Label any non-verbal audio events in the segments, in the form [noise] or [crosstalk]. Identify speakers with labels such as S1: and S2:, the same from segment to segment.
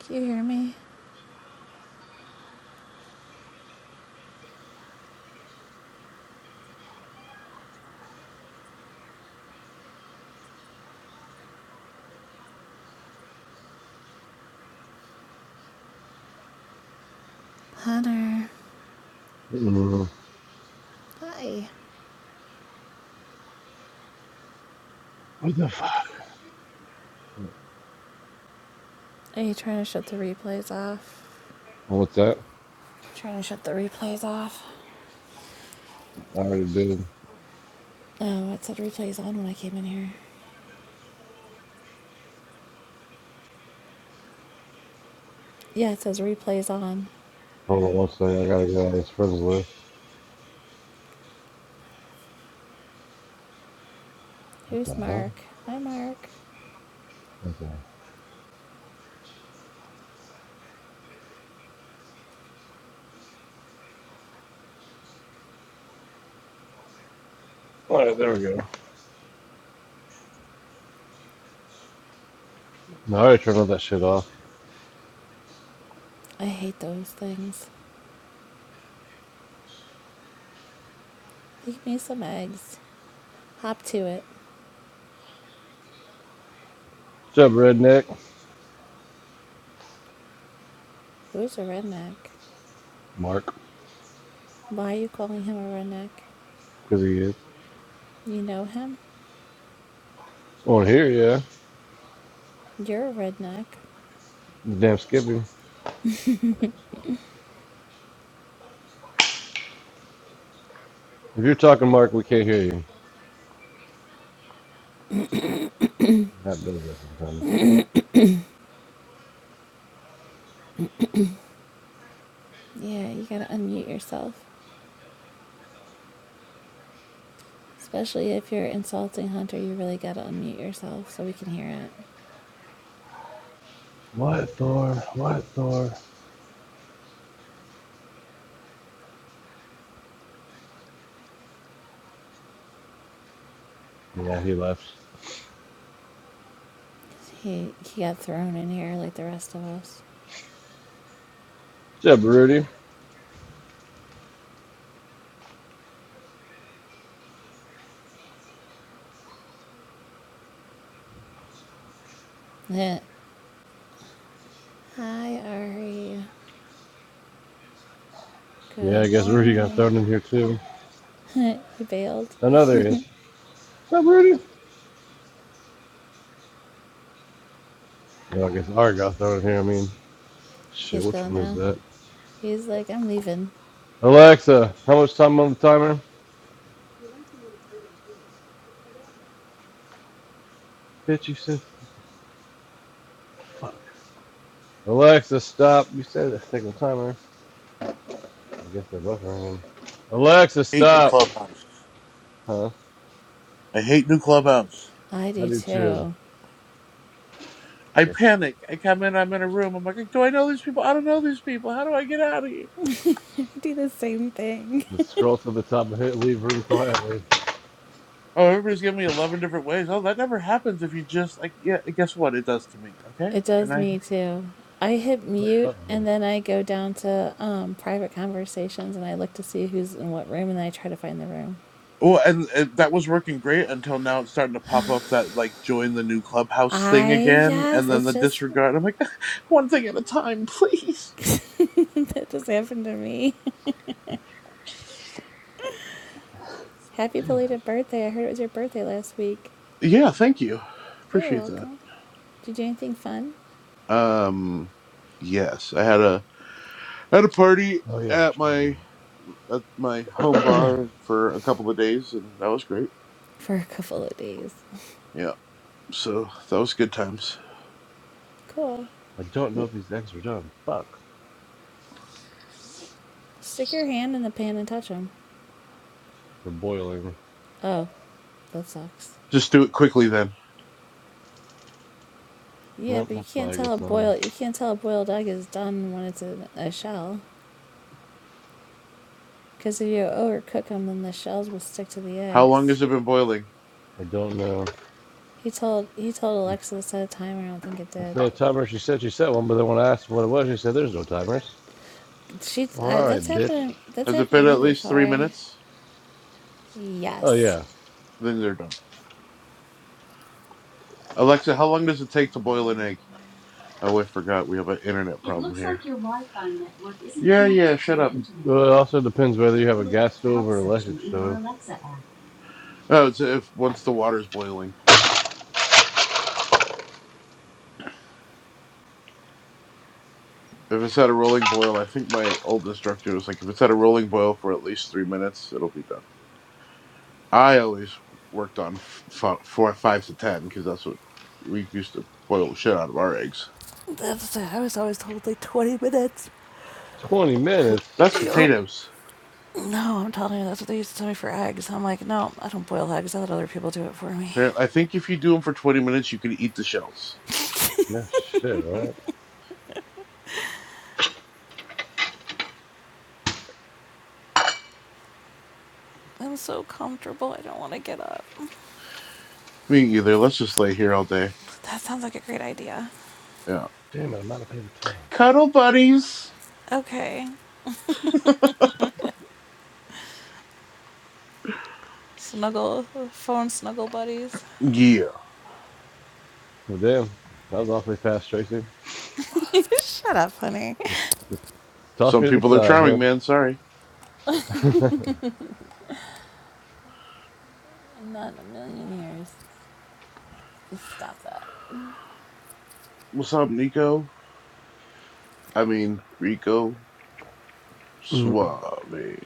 S1: Can you hear me? Hunter.
S2: Mm,
S1: Hi.
S2: What the fuck?
S1: Are you trying to shut the replays off?
S2: Oh, what's that?
S1: Trying to shut the replays off.
S2: I already did.
S1: Oh, it said replays on when I came in here. Yeah, it says replays on.
S2: Hold on one second. I gotta get out of this friends list. What
S1: Who's
S2: the hell?
S1: Mark? Hi, Mark.
S2: Okay. All right, there we go. No, I already turned all that shit off.
S1: I hate those things. Leave me some eggs. Hop to it.
S2: What's up, redneck?
S1: Who's a redneck?
S2: Mark,
S1: Why are you calling him a redneck?
S2: because he is
S1: You know him?
S2: on here. Yeah,
S1: You're a redneck.
S2: damn Skippy. If you're talking, Mark, we can't hear you. That does that sometimes.
S1: Yeah, you gotta unmute yourself. Especially if you're insulting Hunter, you really gotta unmute yourself so we can hear it.
S2: What Thor? What Thor? Yeah, he left.
S1: He he got thrown in here like the rest of us.
S2: What's up, Rudy?
S1: [laughs] Heh. Hi Ari.
S2: Yeah, I
S1: Good
S2: guess Rudy got thrown in
S1: morning.
S2: here too.
S1: [laughs] he bailed.
S2: Oh, no, there he is. What's up, Rudy? Yeah, I guess Art got thrown in here. I mean, shit,
S1: He's
S2: which
S1: gone
S2: one is
S1: now.
S2: that?
S1: He's like, I'm leaving.
S2: Alexa, how much time on the timer? Bitch, you said. Alexa, stop. You said it's taking the timer. I guess they're both ringing. Alexa,
S3: I hate new
S2: stop.
S3: clubhouse.
S2: Huh?
S3: I hate new clubhouse.
S1: I
S2: I
S1: do
S2: do too.
S1: too.
S3: I
S2: Here,
S3: panic. I come in. I'm in a room. I'm like, do I know these people? I don't know these people. How do I get out of here?
S1: I do the same thing.
S2: Let's scroll to the top and hit leave room quietly.
S3: Oh, everybody's giving me eleven different ways. Oh, that never happens if you just like. Yeah, guess what? It does to me.
S1: [laughs]
S3: Okay,
S1: it
S3: and
S1: does
S3: I.
S1: me too. I hit
S2: Uh
S1: mute
S2: oh.
S1: and then I go down to um, private conversations and I look to see who's in what room and I try to find the room.
S3: Oh, and, and that was working great until now. It's starting to pop up that like join the new clubhouse thing
S1: I
S3: again,
S1: yes,
S3: and then
S1: it's
S3: the
S1: just
S3: disregard. I'm like, [laughs] one thing at a time, [laughs] please.
S1: [laughs] that just happened to me. [laughs] Happy belated birthday. I heard it was your birthday last week.
S3: Yeah, thank you.
S1: You're
S3: Appreciate that.
S1: welcome. Did you do anything fun?
S3: Um, yes, I had a Had a party
S2: Oh yeah, I'm
S3: at my
S2: charging.
S3: at my home bar for a couple of days, and that was great.
S1: For a couple of days.
S3: Yeah, so that was good times.
S1: Cool.
S2: I don't know
S3: Yeah.
S2: if these eggs are done. Fuck.
S1: Stick your hand in the pan and touch him.
S2: They're boiling.
S1: Oh, that sucks.
S3: Just do it quickly then.
S1: Yeah,
S2: Yep,
S1: but you
S2: that's
S1: can't
S2: why I good
S1: tell a
S2: sign.
S1: boiled you can't tell a boiled egg is done when it's in a shell, because if you overcook them, then the shells will stick to the
S3: How long
S1: eggs.
S3: has it been boiling?
S2: I don't know.
S1: He told he told Alexa to set a timer. I don't think it
S2: I
S1: did.
S2: feel a timer. She said she set one, but then when I asked what it was, she said there's no timers.
S1: She
S2: Well,
S1: I,
S2: all
S3: Uh,
S2: right,
S1: that's
S2: bitch.
S1: happened that's
S3: Has it been
S1: happened to me
S3: at least three
S1: before.
S3: minutes?
S2: Oh
S1: Yes.
S2: yeah.
S3: Then they're done. Alexa, how long does it take to boil an egg? Oh, I forgot. We have an internet It problem looks here. like your Wi-Fi network isn't yeah, yeah. Shut up.
S2: Well, it also depends whether you have a gas stove or an electric stove.
S3: Oh, it's if once the water's boiling. If it's at a rolling boil, I think my old instructor was like, if it's at a rolling boil for at least three minutes, it'll be done. I always worked on f- four, five to ten because that's what we used to boil the shit out of our eggs.
S1: That's I was always told like 20 minutes.
S2: 20 minutes?
S1: [laughs]
S3: That's
S1: yep.
S3: potatoes.
S1: No, I'm telling you, that's what they used to tell me for eggs. I'm like, no, I don't boil eggs. I let other people do it for me.
S3: Apparently, I think if you do them for twenty minutes, you can eat the shells.
S2: No shit, right?
S1: I'm so comfortable. I don't want to get up.
S3: Me either. Let's just lay here all day.
S1: That sounds like a great idea.
S3: Yeah.
S2: Damn it, I'm out of paper towels.
S3: Cuddle buddies.
S1: Okay. Snuggle, phone snuggle buddies.
S3: Yeah.
S2: Well, damn, that was awfully fast, Tracy.
S1: [laughs] Shut up, honey.
S2: Toss
S3: Some
S2: me to the
S3: people are
S2: side, huh?
S3: charming, man. Sorry.
S1: I'm Not in a million years. Just stop that.
S3: What's up, Nico? I mean Rico
S2: Mm,
S3: Suave.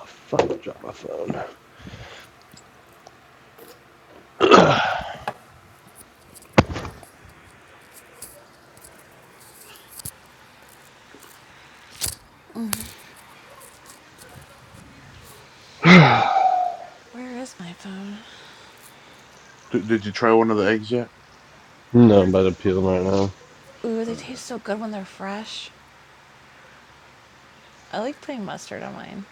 S2: I fucking dropped my phone.
S1: Where is my phone?
S3: D- did you try one of the eggs yet?
S2: No, I'm about to peel them right now.
S1: Ooh, they
S3: Okay.
S1: taste so good when they're fresh. I like putting mustard on mine.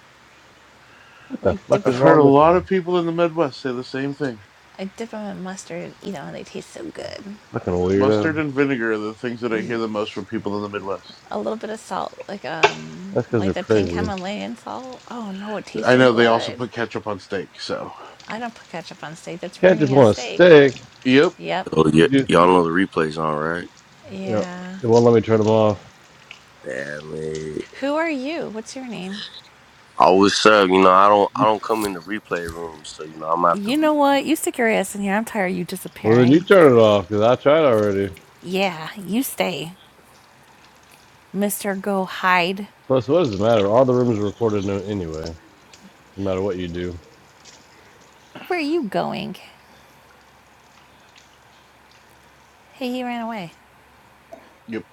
S2: What
S1: I
S2: the
S1: like dip
S2: fuck
S3: I've
S2: is
S1: them.
S3: heard a
S2: wrong with you?
S3: lot of people in the Midwest say the same thing.
S1: I dip them in mustard and eat them, and they taste so good.
S2: fucking
S3: Mustard
S2: weirdo?
S3: and vinegar are the things that I hear
S1: Eee.
S3: the most from people in the Midwest.
S1: a little bit of salt, like um,
S2: That's because they're
S1: like the pink
S2: crazy.
S1: Himalayan salt. Oh no, it tastes
S3: I
S1: so
S3: know they also
S1: good.
S3: put ketchup on steak, so.
S1: I don't put ketchup on steak. That's
S2: Can't just
S1: ruining a
S2: want a
S1: steak.
S2: stick.
S3: Yep.
S1: Yep.
S4: Oh
S2: You
S4: yeah,
S2: just,
S4: y'all know the replays on, right?
S2: you know,
S1: Yeah.
S2: it won't let me turn them off.
S4: Damn it!
S1: Who are you? What's your name?
S4: I was up, you know. I don't, I don't come in the replay room, so you know I'm gonna have to
S1: You know what?
S4: leave.
S1: You stick your ass in here. I'm tired of you
S2: Well, then you
S1: disappearing.
S2: turn it off because I tried already.
S1: Yeah, you stay, Mister. Go hide.
S2: Plus, what does it matter? All the rooms are recorded no- anyway. No matter what you do,
S1: Where are you going? Hey, he ran away. [laughs]
S3: Yep.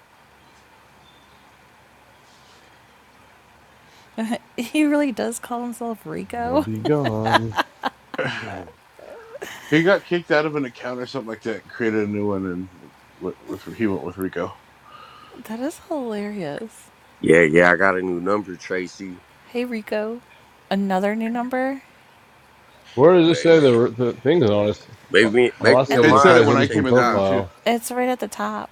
S1: He really does call himself
S2: I'll
S1: Rico.
S2: be gone.
S3: [clears throat] [sighs] he got kicked out of an account or something like that and created a new one and went with, he went with Rico.
S1: That is hilarious.
S4: Yeah, yeah. I got a new number, Tracy.
S1: Hey, Rico. Another new number.
S2: Where does it say
S4: Maybe,
S2: the, the thing's on us?
S4: maybe
S2: All I
S4: make me
S1: It-
S4: a
S2: say is
S3: It said it
S4: mod.
S2: replay
S3: when
S4: I'll
S3: I
S2: hidden from
S3: came
S4: take
S3: in
S4: it
S3: the room
S4: off.
S3: too.
S2: profile.
S1: It's right at the top.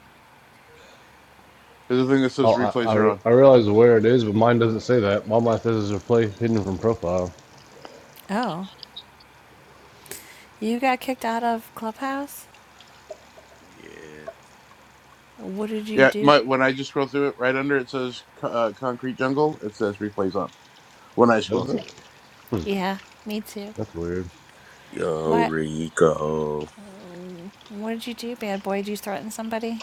S3: There's a thing that says
S2: Oh, I,
S3: replays
S2: I,
S3: are on.
S2: I realize where it is, but mine doesn't say that. All mine says is replay hidden from profile.
S1: Oh, you got kicked out of Clubhouse?
S4: Yeah,
S1: What did you
S3: Yeah,
S1: do?
S3: my when I just scroll through it, right under it says uh, Concrete Jungle, it says replays on. When I scroll
S2: Doesn't?
S3: through
S2: it?
S3: it,
S2: Hmm,
S1: Yeah, me too.
S2: that's weird.
S4: young
S1: What?
S4: Rico.
S1: What did you do, bad boy? Did you threaten somebody?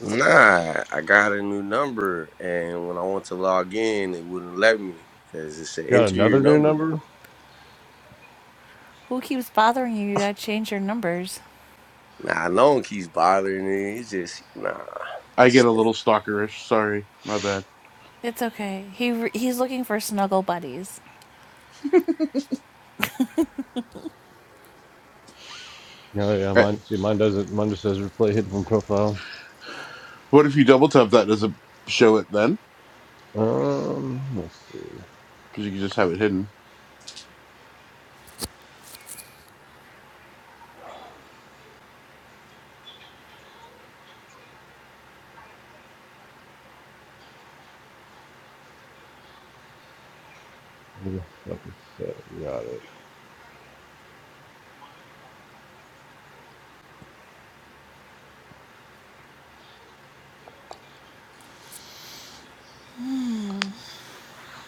S4: Nah, I got a new number, and when I want to log in, it wouldn't let me because it said
S2: Got
S4: enter your
S2: another new
S4: number.
S2: number?
S1: Who keeps bothering you? You gotta change your numbers.
S4: Nah, no one keeps bothering me. It's just nah.
S3: I get
S4: It's
S3: a
S4: just
S3: little stalkerish. Sorry, my bad.
S1: It's okay. He re- he's looking for snuggle buddies.
S2: No, yeah,
S3: Eh,
S2: mine. See, mine doesn't. Mine just says replay hidden from profile.
S3: What if you double tap that? Does it show it then?
S2: Um, let's see.
S3: Because you can just have it hidden.
S2: What the fuck is that? Got it.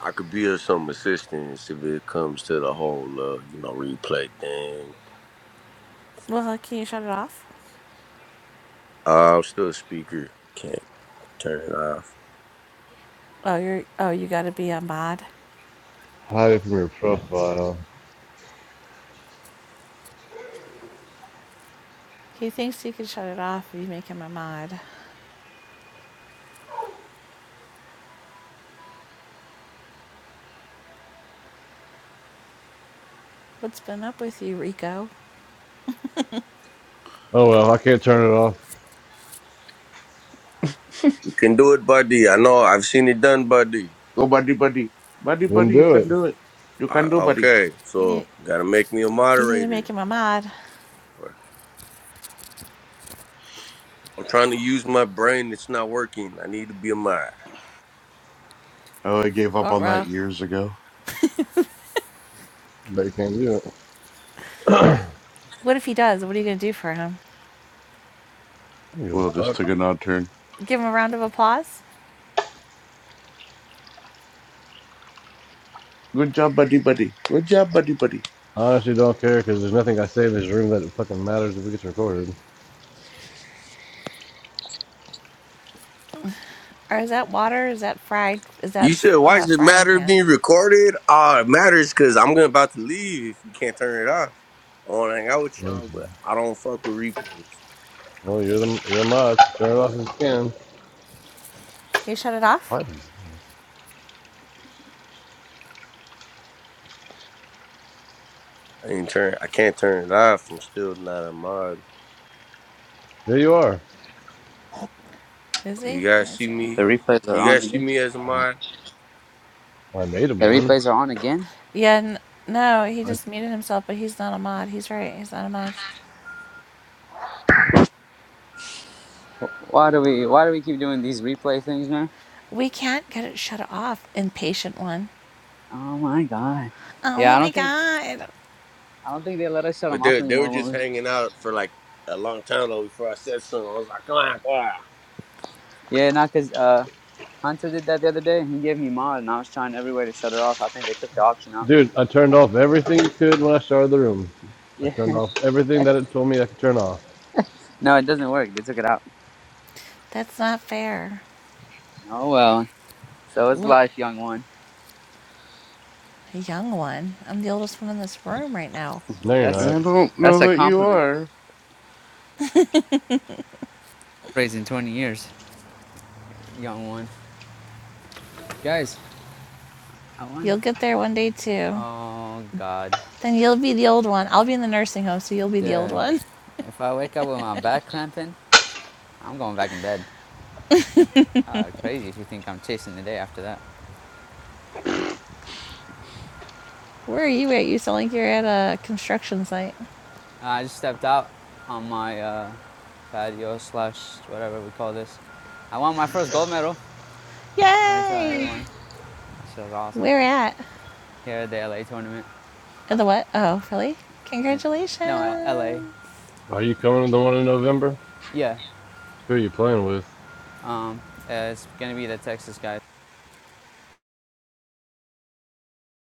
S4: I could be of some assistance if it comes to the whole, uh, you know, replay thing.
S1: Well, can you shut it off?
S4: Uh, I'm still a speaker. Can't turn it off.
S1: Oh, you're oh you gotta be a mod.
S2: Hide it from your profile.
S1: He thinks you can shut it off if you make him a mod. What's been up with you, Rico?
S2: Oh well, I can't turn it off.
S4: You can do it, buddy. I know. I've seen it done, buddy.
S3: Go, buddy, buddy. Buddy,
S2: Didn't
S3: buddy, you
S2: do
S3: can
S2: it.
S3: do it. You
S4: Uh,
S3: can do, buddy.
S4: okay,
S1: You need
S4: so gotta make me a
S1: you need to make
S4: moderator.
S1: him a mod.
S4: I'm trying to use my brain. It's not working. I need to be a mod.
S3: Oh, I gave up
S1: Oh,
S3: on that
S1: well.
S3: years ago.
S2: They can't do it.
S1: What if he does? What are you gonna do for him?
S2: I don't give a
S3: Well, this
S2: fuck.
S3: took an odd turn.
S1: Give him a round of applause?
S3: Good job, buddy, buddy. Good job, buddy, buddy.
S2: I honestly don't care because there's nothing I say in this room that fucking matters if it gets recorded.
S1: Or is that water? Is that fried? Is that
S4: You said, why
S1: uh,
S4: does it
S1: frying
S4: matter
S1: pan?
S4: being recorded? Uh, it matters because I'm gonna- about to leave if we can't turn it off. I want to hang out with
S2: Well,
S4: y'all, but I don't fuck with replays.
S2: you're the you're the mod. Turn it off if you can.
S1: Can you shut it off?
S2: What?
S4: I ain't turn. I can't turn it off. I'm still not a mod.
S2: There you are.
S1: Is
S4: Do
S1: he?
S4: you guys
S1: I
S4: see
S1: see.
S5: The
S4: me?
S5: replays are
S4: Do you
S5: on
S4: guys see
S5: again.
S4: me as a mod?
S2: I made him
S5: The
S2: one.
S5: replays are on again.
S1: Yeah, n- no, he
S2: I
S1: just muted himself, but he's not a mod. He's right. He's not a mod.
S5: Why do we why do we keep doing these replay things, man?
S1: We can't get it shut off, impatient one.
S5: Oh my god.
S1: Oh
S5: Yeah, I
S1: my
S5: don't think
S1: god.
S5: I don't think they let us shut them
S4: But
S5: off
S4: they they were
S5: anymore.
S4: just
S5: When we,
S4: hanging out for like a long time though before I said something. I was like, come on, come on.
S5: yeah, not because uh, Hunter did that the other day. He gave me mod, and I was trying every way to shut her off. I think they took the option out.
S2: dude, I turned off everything you could when I started the room. I
S5: Yeah.
S2: turned
S5: [laughs]
S2: off everything that it told me I could turn off.
S5: No, it doesn't work. They took it out.
S1: That's not fair.
S5: Oh well. So it's
S1: Little,
S5: life, young one.
S1: young one. I'm the oldest one in this room right now.
S2: No, you're
S5: That's
S2: not.
S3: I don't
S5: that's
S3: know
S5: a
S3: that you
S5: compliment.
S3: are.
S5: Praise in twenty years, young one. Guys, I won.
S1: You'll get there one day too.
S5: Oh god.
S1: Then you'll be the old one. I'll be in the nursing home, so you'll be the old
S5: Dude,
S1: one.
S5: if I wake up with my back cramping, I'm going back in bed. Ah, crazy if you think I'm chasing the day after that.
S1: [laughs] Where are you at? You sound like you're at a construction site.
S5: Uh, I just stepped out on my uh, patio slash whatever we call this. I won my first gold medal. I'm gonna tell
S1: Yay!
S5: everyone. This was awesome.
S1: We're at?
S5: Here at the LA tournament,
S1: At the what? Oh, really?
S5: and no, uh, LA.
S1: Congratulations.
S2: Are you coming to the one in November?
S5: Yeah,
S2: Who are you playing with?
S5: um, uh, it's gonna be the Texas guys.